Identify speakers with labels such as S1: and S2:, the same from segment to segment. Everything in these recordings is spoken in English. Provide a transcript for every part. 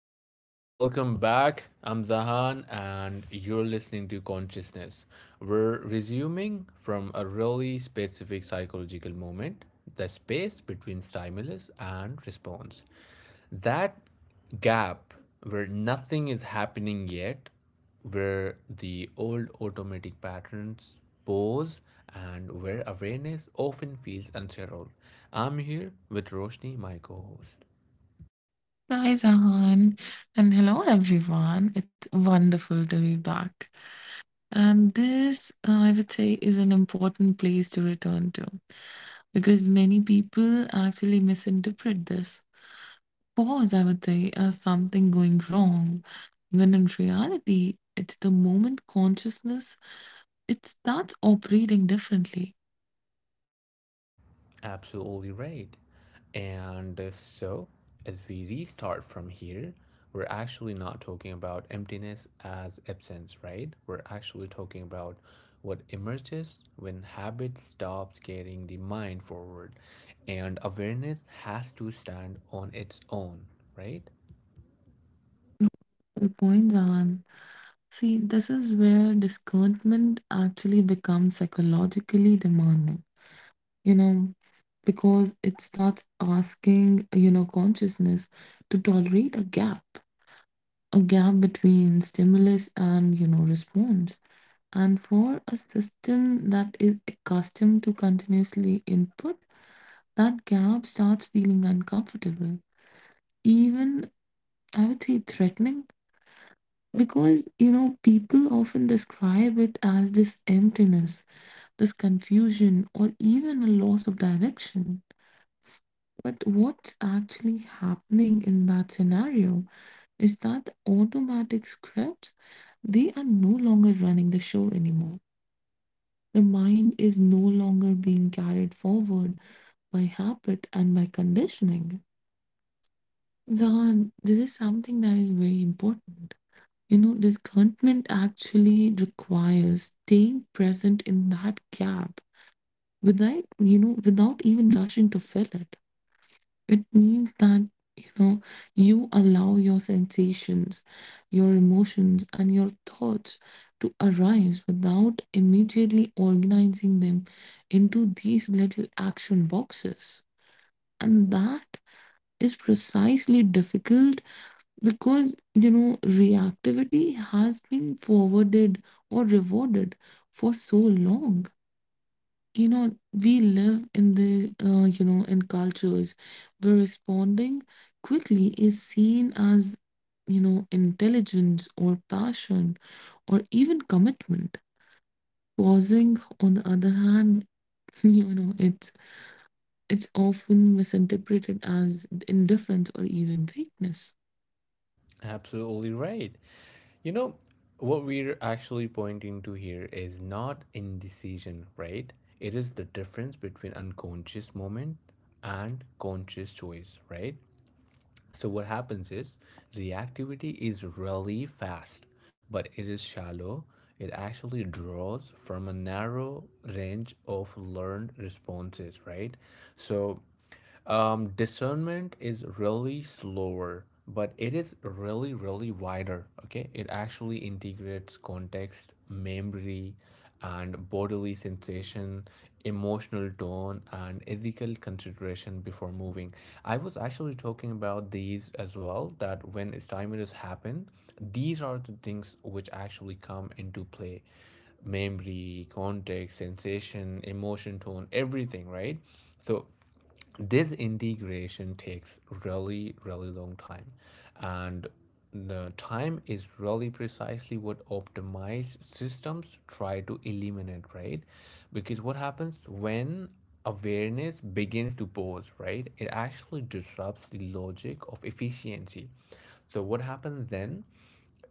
S1: guys. Welcome back. I'm Zahan, and you're listening to Consciousness. We're resuming from a really specific psychological moment, the space between stimulus and response. That gap where nothing is happening yet, where the old automatic patterns pause, and where awareness often feels unsettled. I'm here with Roshni, my co host.
S2: Hi, Zahan, and hello, everyone. It's wonderful to be back. And this, I would say, is an important place to return to because many people actually misinterpret this pause, I would say, as something going wrong, when in reality, it's the moment consciousness it starts operating differently.
S1: Absolutely right. And uh, so, as we restart from here, we're actually not talking about emptiness as absence, right? We're actually talking about what emerges when habit stops getting the mind forward and awareness has to stand on its own, right?
S2: Good point, Zahan. See, this is where discontentment actually becomes psychologically demanding you know, because it starts asking, consciousness to tolerate a gap between stimulus and, response. And for a system that is accustomed to continuously input, that gap starts feeling uncomfortable, even I would say threatening, because, people often describe it as this emptiness, this confusion, or even a loss of direction. But what's actually happening in that scenario is that the automatic scripts, they are no longer running the show anymore. The mind is no longer being carried forward by habit and by conditioning. Zahan, this is something that is very important. You know, discontentment actually requires staying present in that gap without, without even rushing to fill it. It means that you know you allow your sensations, your emotions, and your thoughts to arise without immediately organizing them into these little action boxes. And that is precisely difficult because you know reactivity has been forwarded or rewarded for so long. You know, we live in the, in cultures where responding quickly is seen as, intelligence or passion or even commitment. Pausing, on the other hand, you know, it's it's often misinterpreted as indifference or even weakness.
S1: Absolutely right. You know, what we're actually pointing to here is not indecision, right? It is the difference between unconscious moment and conscious choice, right? So, what happens is reactivity is really fast, but it is shallow. It actually draws from a narrow range of learned responses, right? So, discernment is really slower, but it is really, really wider. Okay, it actually integrates context, memory, and bodily sensation, emotional tone, and ethical consideration before moving. I was actually talking about these as well. That when stymied has happened, these are the things which actually come into play, memory, context, sensation, emotion, tone, everything, right? So this integration takes really really long time, and the time is really precisely what optimized systems try to eliminate, right? Because what happens when awareness begins to pause, right, it actually disrupts the logic of efficiency. So what happens then?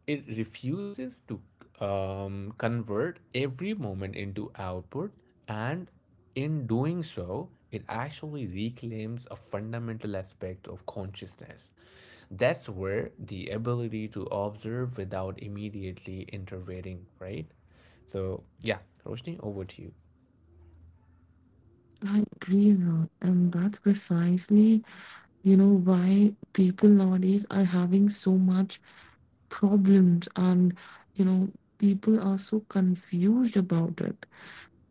S1: It refuses to convert every moment into output, and in doing so, it actually reclaims a fundamental aspect of consciousness. That's where the ability to observe without immediately intervening, right? So, yeah, Roshni, over to you.
S2: I agree, Ra, and that's precisely you know why people nowadays are having so much problems and you know people are so confused about it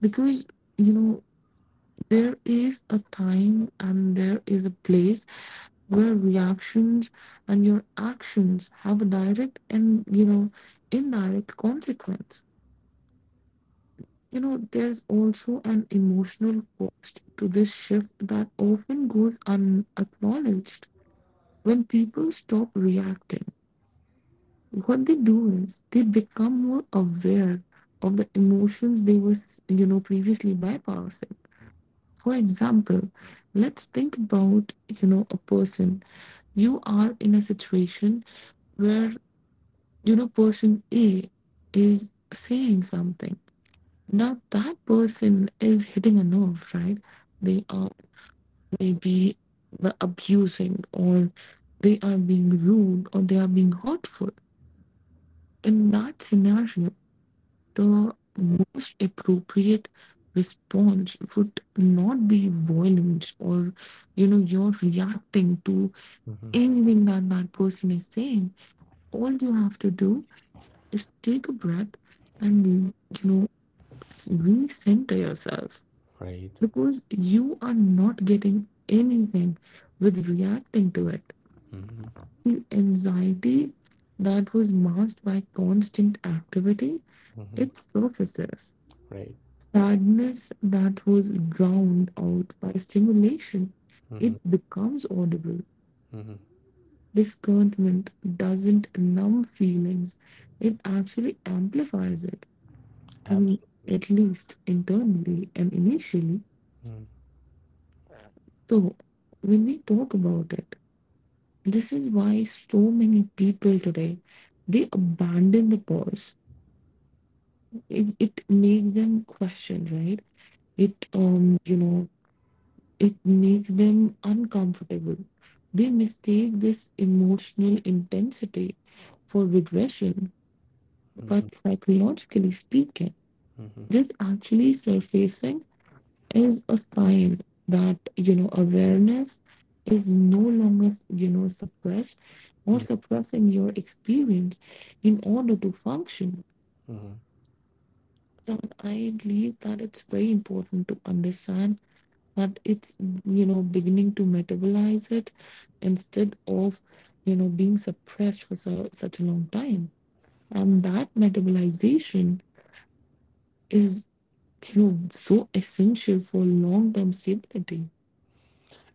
S2: because you know there is a time and there is a place where reactions and your actions have a direct and indirect consequence. You know there's also an emotional cost to this shift that often goes unacknowledged when people stop reacting, what they do is they become more aware of the emotions they were, previously bypassing. For example, let's think about, a person. You are in a situation where, person A is saying something. Now that person is hitting a nerve, right? They are maybe abusing or they are being rude or they are being hurtful. In that scenario, the most appropriate response would not be violence or, you're reacting to anything that person is saying. All you have to do is take a breath and, you know, recenter yourself
S1: Right.
S2: because you are not getting anything with reacting to it.
S1: Mm-hmm.
S2: The anxiety that was masked by constant activity,
S1: Mm-hmm.
S2: it surfaces
S1: Right.
S2: sadness that was drowned out by stimulation. It
S1: Mm-hmm.
S2: becomes audible.
S1: Mm-hmm.
S2: Discontentment doesn't numb feelings, it actually amplifies it,
S1: Abs-
S2: and at least internally and initially. So, when we talk about it, this is why so many people today they abandon the pause. It makes them question, right? It it makes them uncomfortable. They mistake this emotional intensity for regression, but psychologically speaking, this actually surfacing is a sign that you know awareness is no longer you know suppressed or suppressing your experience in order to function. So I believe that it's very important to understand. But it's you know beginning to metabolize it instead of you know being suppressed for so, such a long time and that metabolization is you know so essential for long-term stability.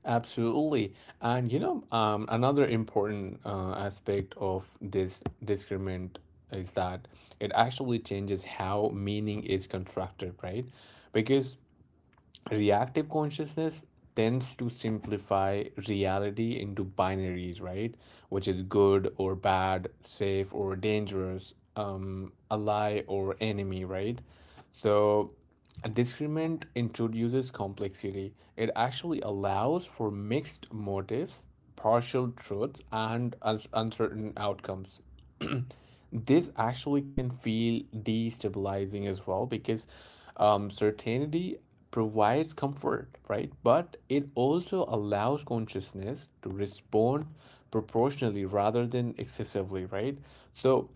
S1: Absolutely. And you know, another important aspect of this discriminant is that it actually changes how meaning is constructed, right? Because reactive consciousness tends to simplify reality into binaries, right? Which is good or bad, safe or dangerous, ally or enemy, right? So, a discriminant introduces complexity. It actually allows for mixed motives, partial truths, and uncertain outcomes. This actually can feel destabilizing as well because certainty provides comfort, right? But it also allows consciousness to respond proportionally rather than excessively, right? So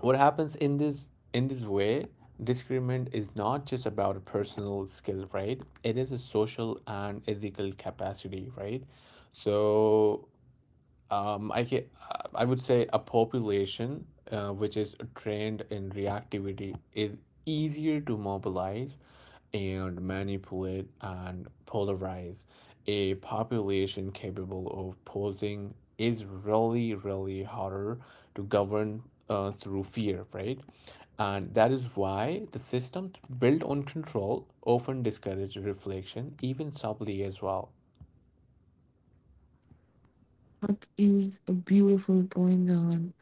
S1: what happens in this way, discernment is not just about a personal skill, right? It is a social and ethical capacity, right? So um, I ca- I would say a population which is trained in reactivity is easier to mobilize and manipulate and polarize. A population capable of posing is really, really harder to govern through fear, right? And that is why the systems built on control often discourage reflection, even subtly as well,
S2: That is a beautiful point, Zahan.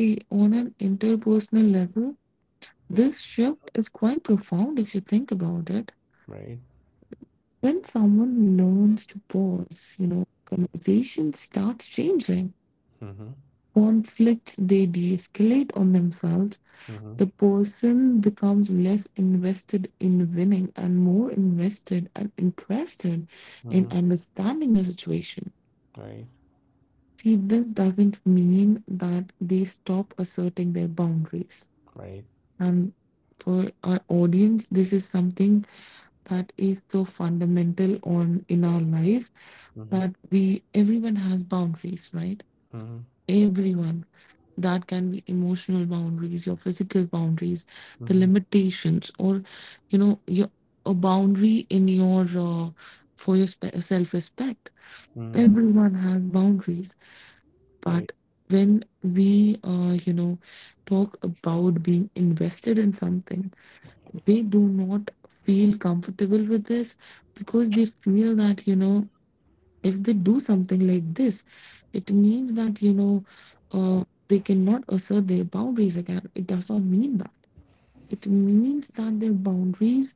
S2: See, on an interpersonal level this shift is quite profound if you think about it.
S1: right?
S2: When someone learns to pause you know conversation starts changing,
S1: Mm-hmm.
S2: conflicts they de-escalate on themselves.
S1: Mm-hmm.
S2: The person becomes less invested in winning and more invested and interested in
S1: Mm-hmm.
S2: understanding the situation.
S1: Right.
S2: See, this doesn't mean that they stop asserting their boundaries.
S1: Right.
S2: And for our audience this is something that is so fundamental on in our life,
S1: Mm-hmm.
S2: that we everyone has boundaries, right?
S1: Mm-hmm.
S2: Everyone, that can be emotional boundaries, your physical boundaries, the
S1: Mm-hmm.
S2: limitations or you know your a boundary in your for your self-respect.
S1: Mm-hmm.
S2: Everyone has boundaries,
S1: Right.
S2: but when we talk about being invested in something they do not feel comfortable with this because they feel that if they do something like this, it means that, they cannot assert their boundaries again. It does not mean that. It means that their boundaries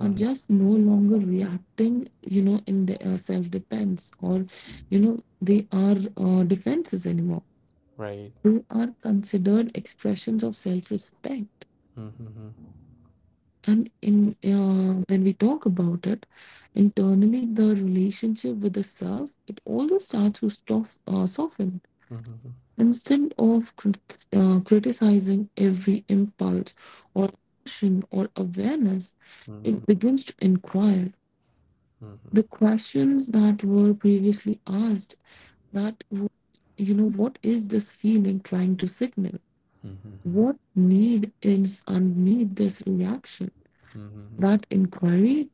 S2: are
S1: Mm-hmm.
S2: just no longer reacting, in their self defense or, they are defenses anymore.
S1: Right.
S2: They are considered expressions of self respect.
S1: Mm-hmm.
S2: And in when we talk about it, internally the relationship with the self it also starts to soften.
S1: Mm-hmm.
S2: Instead of criticizing every impulse or emotion or awareness, it
S1: Mm-hmm.
S2: begins to inquire.
S1: Mm-hmm.
S2: The questions that were previously asked that, what is this feeling trying to signal?
S1: Mm-hmm.
S2: What need is underneath this reaction?
S1: Hmm.
S2: That inquiry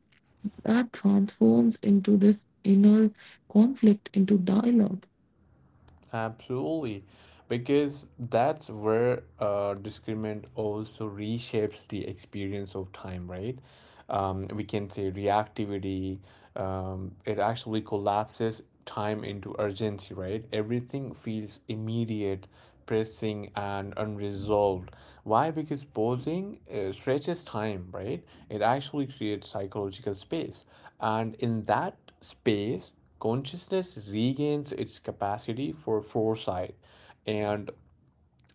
S2: that transforms into this inner conflict, into dialogue.
S1: Absolutely, because that's where discriminant also reshapes the experience of time, right? We can say reactivity, it actually collapses time into urgency, right? Everything feels immediate, pressing, and unresolved. Why? Because pausing stretches time, right? It actually creates psychological space. And in that space, consciousness regains its capacity for foresight, and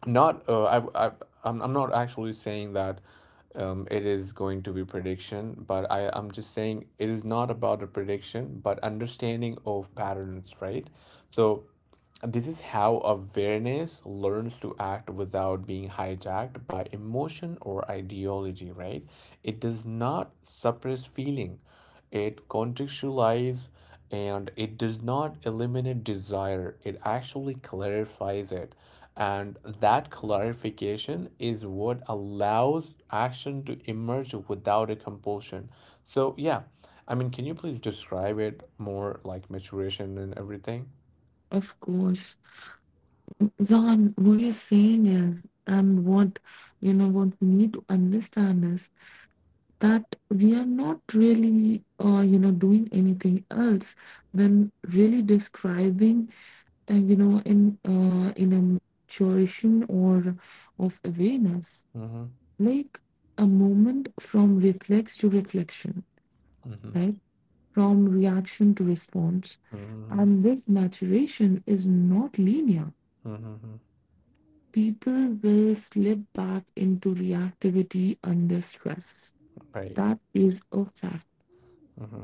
S1: not I I'm not actually saying that it is going to be prediction, but I'm just saying it is not about a prediction but understanding of patterns, right? So this is how awareness learns to act without being hijacked by emotion or ideology, right? It does not suppress feeling, it contextualizes, and it does not eliminate desire, it actually clarifies it, and that clarification is what allows action to emerge without a compulsion. So, yeah, I mean, can you please describe it more like maturation and everything?
S2: Of course, John, what you're saying is, and what what we need to understand is that we are not really, doing anything else than really describing, in a maturation or of awareness,
S1: Mm-hmm.
S2: like a moment from reflex to reflection,
S1: Mm-hmm.
S2: right? From reaction to response,
S1: Mm-hmm.
S2: and this maturation is not linear.
S1: Mm-hmm.
S2: People will slip back into reactivity under stress.
S1: Right.
S2: That is a fact.
S1: Mm-hmm.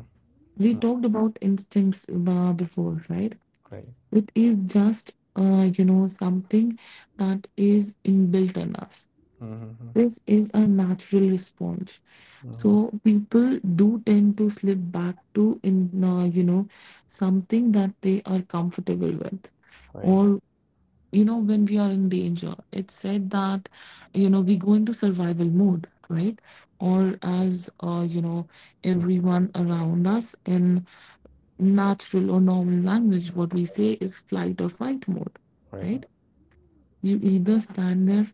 S2: We talked about instincts before, right?
S1: Right.
S2: It is just, something that is inbuilt in us.
S1: Mm-hmm.
S2: This is a natural response.
S1: Mm-hmm.
S2: So people do tend to slip back to in you know something that they are comfortable with
S1: Right.
S2: or. You know, when we are in danger, it's said that, we go into survival mode, right? Or as,
S1: Mm.
S2: everyone around us in natural or normal language, what we say is flight or fight mode,
S1: Right.
S2: right? You either stand there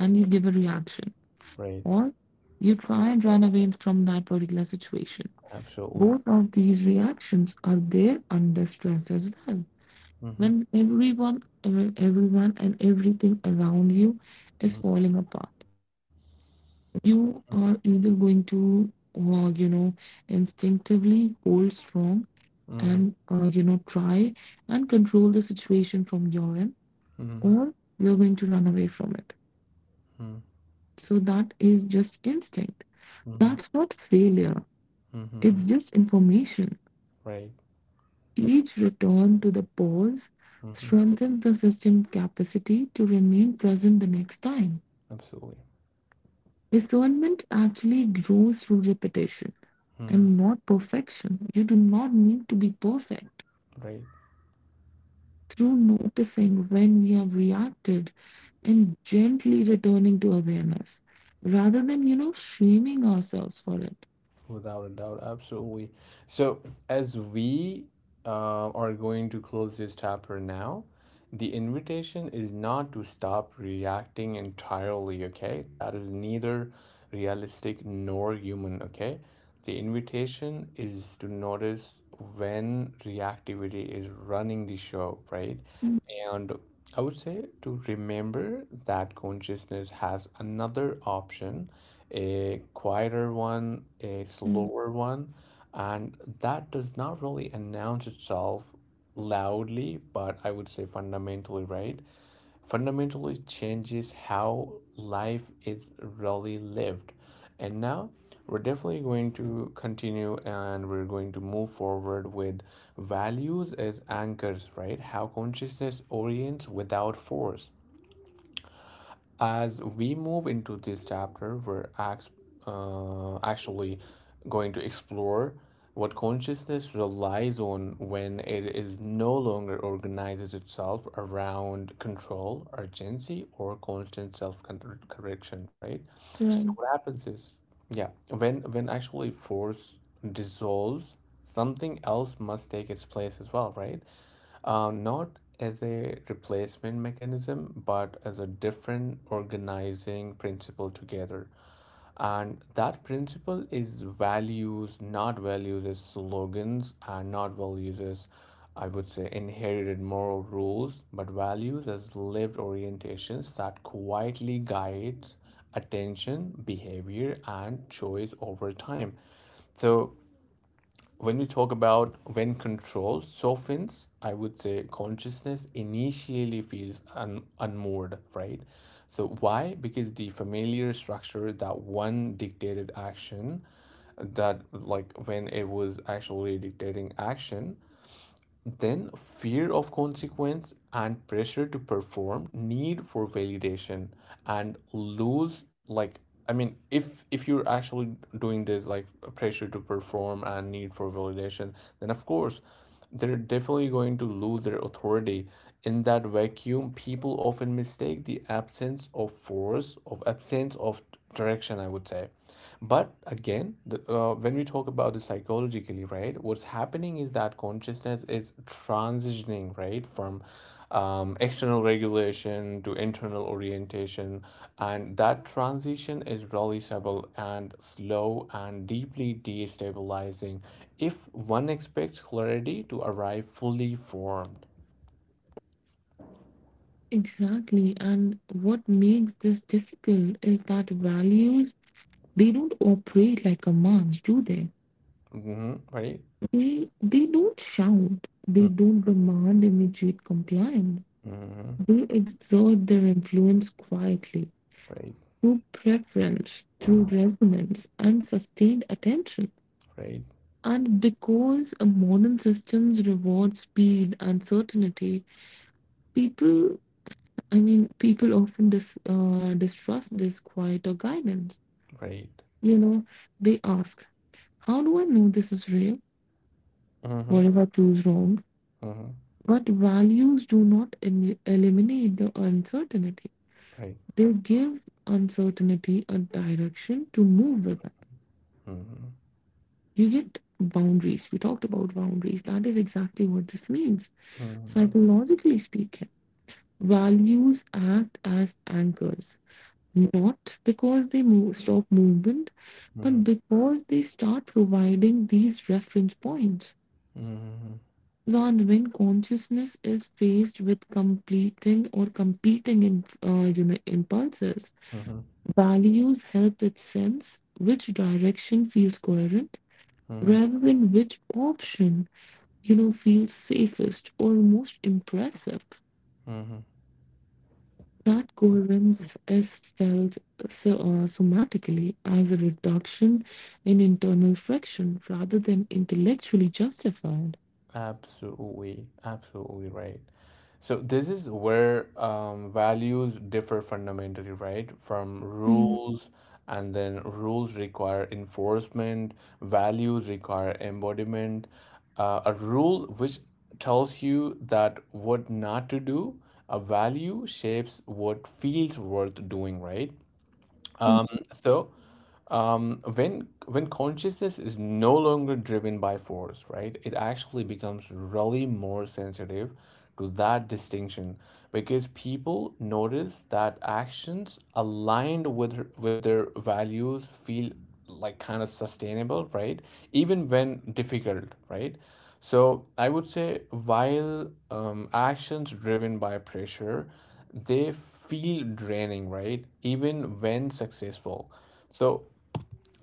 S2: and you give a reaction,
S1: Right.
S2: or you try and run away from that particular situation.
S1: Absolutely.
S2: Both of these reactions are there under stress as well.
S1: Mm-hmm.
S2: When everyone and everything around you is falling apart, you are either going to uh, you know instinctively hold strong
S1: Mm-hmm. Mm-hmm.
S2: and try and control the situation from your end,
S1: Mm-hmm.
S2: or you're going to run away from it. So that is just instinct,
S1: Mm-hmm.
S2: that's not failure,
S1: Mm-hmm.
S2: it's just information.
S1: Right.
S2: Each return to the pause
S1: Mm-hmm.
S2: strengthens the system capacity to remain present the next time.
S1: Absolutely.
S2: Discernment actually grows through repetition
S1: Mm-hmm.
S2: and not perfection. You do not need to be perfect.
S1: Right.
S2: Through noticing when we have reacted and gently returning to awareness rather than, shaming ourselves for it.
S1: Without a doubt, absolutely. So, as we are going to close this chapter now, the invitation is not to stop reacting entirely, okay? That is neither realistic nor human, okay? The invitation is to notice when reactivity is running the show, right? And I would say to remember that consciousness has another option, a quieter one, a
S2: Mhm.
S1: slower one, and that does not really announce itself loudly, but I would say fundamentally, right? Fundamentally changes how life is really lived. And now we're definitely going to continue and we're going to move forward with values as anchors, right? How consciousness orients without force. As we move into this chapter, we're actually going to explore what consciousness relies on when it is no longer organizes itself around control, urgency, or constant self correction, right? So
S2: Right,
S1: what happens is, yeah, when actually force dissolves, something else must take its place as well, right? Not as a replacement mechanism, but as a different organizing principle together. And that principle is values, not values as slogans, and not values as, I would say, inherited moral rules, but values as lived orientations that quietly guides attention, behavior, and choice over time. So when we talk about when control softens, I would say consciousness initially feels unmoored, right? So, why? Because the familiar structure that one dictated action, that like when it was actually dictating action, then, fear of consequence and pressure to perform, need for validation, and lose like I mean, if you're actually doing this like pressure to perform and need for validation, then of course they're definitely going to lose their authority. In that vacuum, people often mistake the absence of force, of absence of direction I would say. But again the, when we talk about this psychologically, right, what's happening is that consciousness is transitioning, right, from external regulation to internal orientation, and that transition is noticeable and slow and deeply destabilizing if one expects clarity to arrive fully formed.
S2: exactly. And what makes this difficult is that values, they don't operate like commands, do they?
S1: Hmm. Right.
S2: They don't shout, they don't demand immediate compliance.
S1: Mm-hmm.
S2: They exert their influence quietly
S1: Right.
S2: through preference, through resonance, and sustained attention.
S1: Right.
S2: And because a modern systems reward speed and certainty, people, I mean, people often distrust this quiet or guidance.
S1: Right.
S2: You know, they ask, how do I know this is real?
S1: Mm-hmm.
S2: What if I choose wrong?
S1: Mm-hmm.
S2: But values do not eliminate the uncertainty.
S1: Right.
S2: They give uncertainty a direction to move with it.
S1: Mhm.
S2: You get boundaries. We talked about boundaries. That is exactly what this means.
S1: Mhm.
S2: Psychologically speaking, values act as anchors, not because they move, stop movement, but
S1: Mhm.
S2: because they start providing these reference points.
S1: Mhm.
S2: And when consciousness is faced with completing or competing impulses,
S1: Mhm.
S2: values help it sense which direction feels coherent
S1: Mhm.
S2: rather than which option, feels safest or most impressive.
S1: Mhm.
S2: That coherence is felt so, somatically as a reduction in internal friction rather than intellectually justified.
S1: Absolutely, absolutely right. So this is where values differ fundamentally, right? From
S2: Mm,
S1: rules, and then rules require enforcement, values require embodiment. A rule which tells you that what not to do, a value shapes what feels worth doing, right?
S2: mm.
S1: So when consciousness is no longer driven by force, right, it actually becomes really more sensitive to that distinction, because people notice that actions aligned with with their values feel like kind of sustainable, right, even when difficult, right? So I would say while actions driven by pressure, they feel draining, right, even when successful. So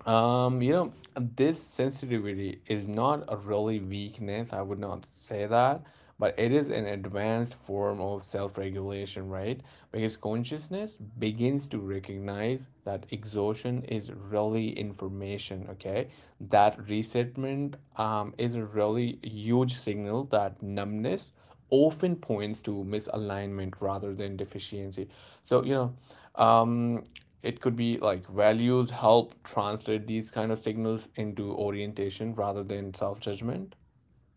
S1: you know, this sensitivity is not a really weakness. I would not say that, but it is an advanced form of self-regulation, right? Because consciousness begins to recognize that exhaustion is really information, okay? That resettlement is a really huge signal, that numbness often points to misalignment rather than deficiency. So, you know, um, it could be like values help translate these kind of signals into orientation rather than self-judgment.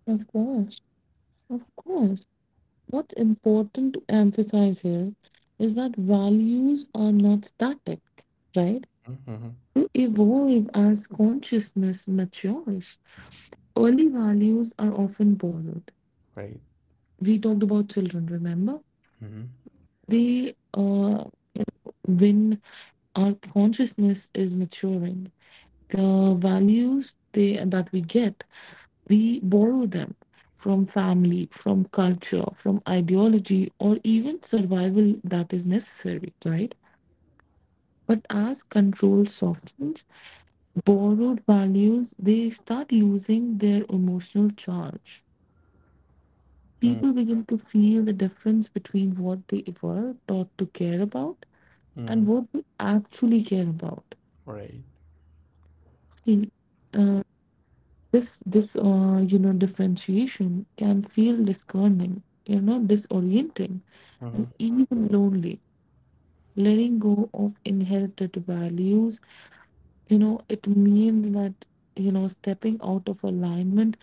S2: Of course, of course. What's important to emphasize here is that values are not static, right?
S1: Mm-hmm.
S2: To evolve as consciousness matures, early values are often borrowed.
S1: Right.
S2: We talked about children, remember?
S1: Mm-hmm.
S2: They, uh, when our consciousness is maturing, the values that we get, we borrow them from family, from culture, from ideology, or even survival that is necessary, right? But as control softens, borrowed values, they start losing their emotional charge.
S1: Mm-hmm.
S2: People begin to feel the difference between what they were taught to care about
S1: Mm-hmm.
S2: and what we actually care about.
S1: Right.
S2: See, uh, this you know differentiation can feel discerning, disorienting, and
S1: Mm-hmm.
S2: even lonely. Letting go of inherited values, it means that you know stepping out of alignment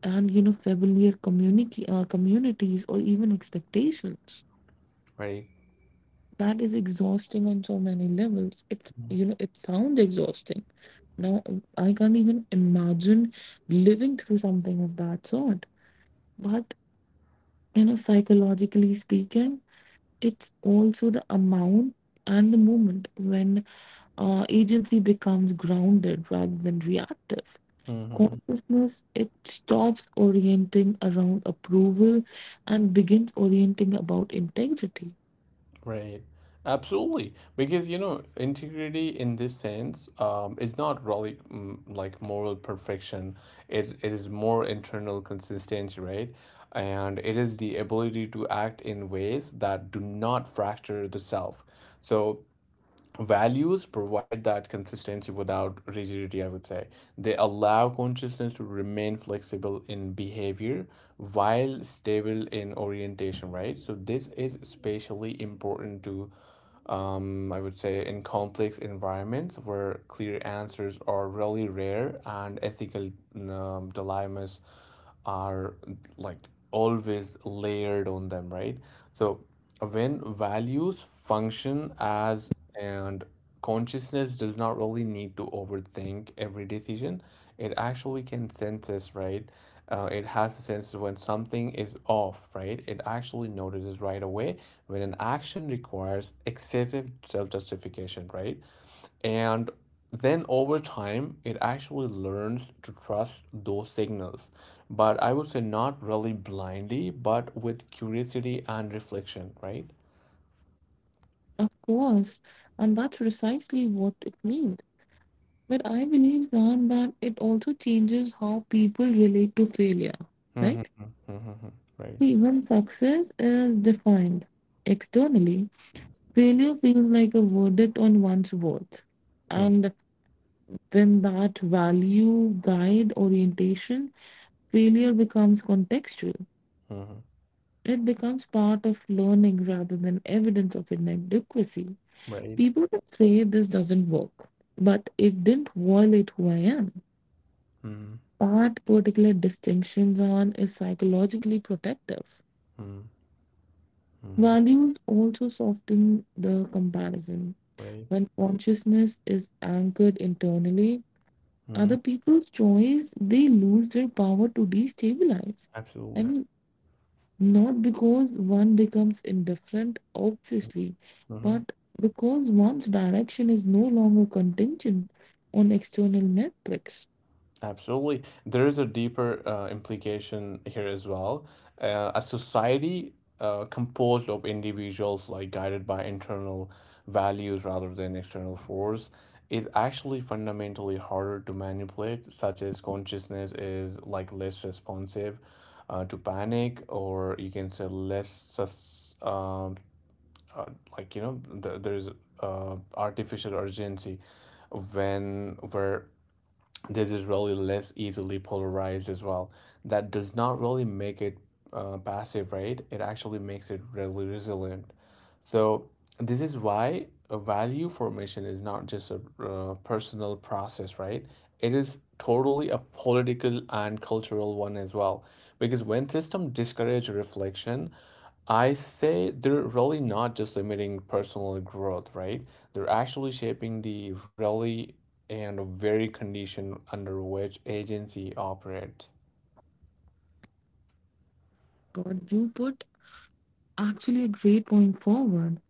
S2: and familiar community communities or even expectations,
S1: Right.
S2: that is exhausting on so many levels. It you know it sounds exhausting now. I can't even imagine living through something of that sort, but you know psychologically speaking it's also the amount and the moment when agency becomes grounded rather than reactive.
S1: Mm-hmm.
S2: Consciousness, it stops orienting around approval and begins orienting about integrity.
S1: Right. Absolutely, because you know integrity in this sense is not really like moral perfection, it is more internal consistency, right? And it is the ability to act in ways that do not fracture the self. So values provide that consistency without rigidity I would say. They allow consciousness to remain flexible in behavior while stable in orientation, right? So this is especially important to I would say in complex environments where clear answers are really rare and ethical dilemmas are like always layered on them, right? So when values function as and consciousness does not really need to overthink every decision, it actually can sense this, right? It has a sense when something is off, right? It actually notices right away when an action requires excessive self justification, right? And then over time, it actually learns to trust those signals. But I would say not really blindly, but with curiosity and reflection, right?
S2: Of course, and that's precisely what it means. But I believe, Zan, that it also changes how people relate to failure,
S1: Mm-hmm,
S2: right?
S1: mm-hmm, right.
S2: See, when success is defined externally, failure feels like a verdict on one's worth.
S1: Mm-hmm, right.
S2: And when that value guide orientation, failure becomes contextual.
S1: Mm-hmm,
S2: It becomes part of learning rather than evidence of inadequacy.
S1: right.
S2: People can say this doesn't work, but it didn't violate who I am. That particular distinctions on is psychologically protective.
S1: Mm-hmm,
S2: Values also soften the comparison.
S1: right.
S2: When consciousness is anchored internally,
S1: Mm-hmm,
S2: other people's choice, they lose their power to destabilize. I
S1: absolutely.
S2: mean, not because one becomes indifferent, obviously,
S1: Mm-hmm.
S2: but because one's direction is no longer contingent on external metrics.
S1: Absolutely. There is a deeper implication here as well. A society composed of individuals, like guided by internal values rather than external force, is actually fundamentally harder to manipulate, such as consciousness is like less responsive to panic, or you can say uh, like you know, there is artificial urgency when we're, this is really less easily polarized as well. That does not really make it passive, right? It actually makes it really resilient. So, this is why a value formation is not just a personal process, right? It is totally a political and cultural one as well. Because when systems discourage reflection, I say they're really not just limiting personal growth, right? They're actually shaping the really and very condition under which agency operates.
S2: God, you put actually a great point forward.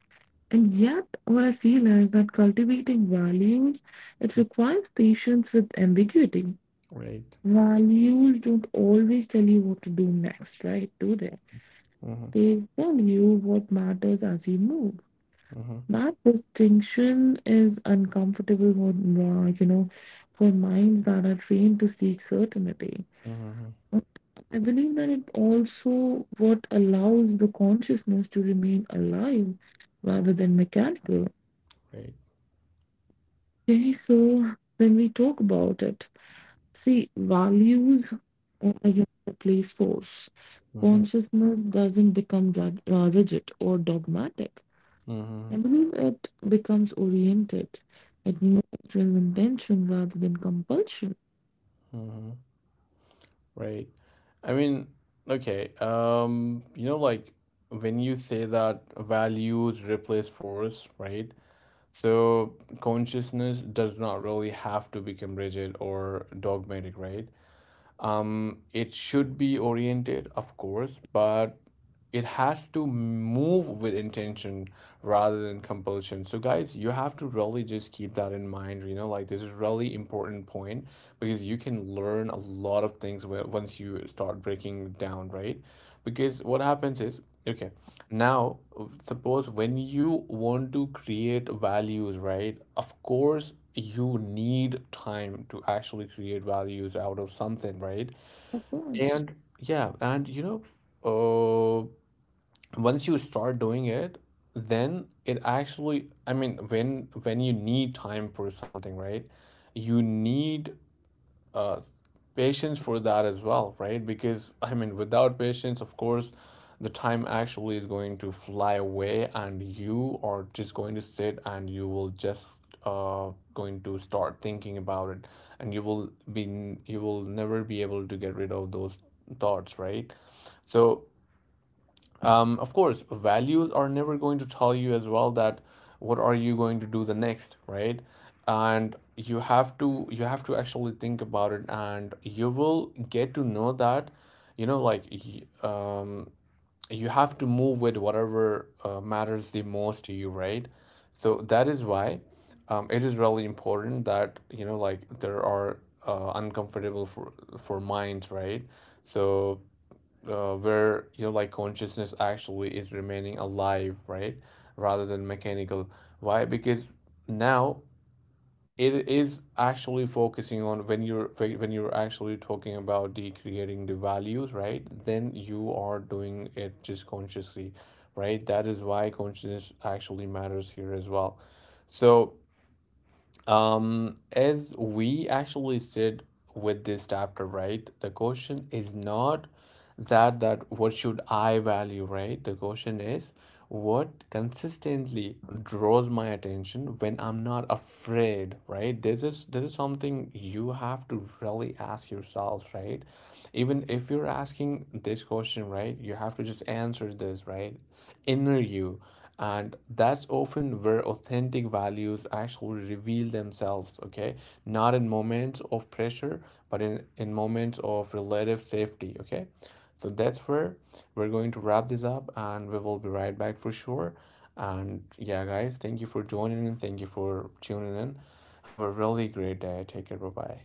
S2: And yet, what I feel is that cultivating values, it requires patience with ambiguity.
S1: Right.
S2: Values don't always tell you what to do next, right? Do they?
S1: Mm-hmm.
S2: They tell you what matters as you move.
S1: Mm-hmm.
S2: That distinction is uncomfortable for, for minds that are trained to seek certainty.
S1: Mm-hmm.
S2: But I believe that it also what allows the consciousness to remain alive rather than mechanical.
S1: Right.
S2: Okay, so when we talk about it, see, values replace force.
S1: Mm-hmm.
S2: Consciousness doesn't become rigid or dogmatic.
S1: Mm-hmm.
S2: I believe it becomes oriented at neutral intention rather than compulsion.
S1: Mm-hmm. Right. I mean, okay. You know, like when you say that values replace force, right? So consciousness does not really have to become rigid or dogmatic, right? Um, it should be oriented, of course, but it has to move with intention rather than compulsion. So, guys, you have to really just keep that in mind. You know, like this is really important point, because you can learn a lot of things once you start breaking down, right? Because what happens is, okay. Now, suppose when you want to create values, right? Of course, you need time to actually create values out of something, right?
S2: Of course.
S1: And yeah, and you know, once you start doing it, then it actually, I mean, when you need time for something, right? You need uh, patience for that as well, right? Because I mean, without patience, of course, the time actually is going to fly away, and you are just going to sit and you will just uh going to start thinking about it, and you will be you will never be able to get rid of those thoughts, right? So of course values are never going to tell you as well that what are you going to do the next, right? And you have to actually think about it, and you will get to know that you know like um, you have to move with whatever matters the most to you, right? So that is why it is really important that you know like there are uncomfortable for minds, right? So where you know like consciousness actually is remaining alive, right, rather than mechanical. Why? Because now it is actually focusing on when you're actually talking about the creating the values, right, then you are doing it just consciously, right? That is why consciousness actually matters here as well. So as we actually said with this chapter, right? The question is not that what should I value, right? The question is what consistently draws my attention when I'm not afraid, right? This is something you have to really ask yourself, right? Even if you're asking this question, right, you have to just answer this, right? Inner you. And that's often where authentic values actually reveal themselves, okay? Not in moments of pressure, but in moments of relative safety, okay? So that's where we're going to wrap this up and we will be right back for sure. And yeah, guys, thank you for joining in. Thank you for tuning in. Have a really great day. Take care. Bye bye.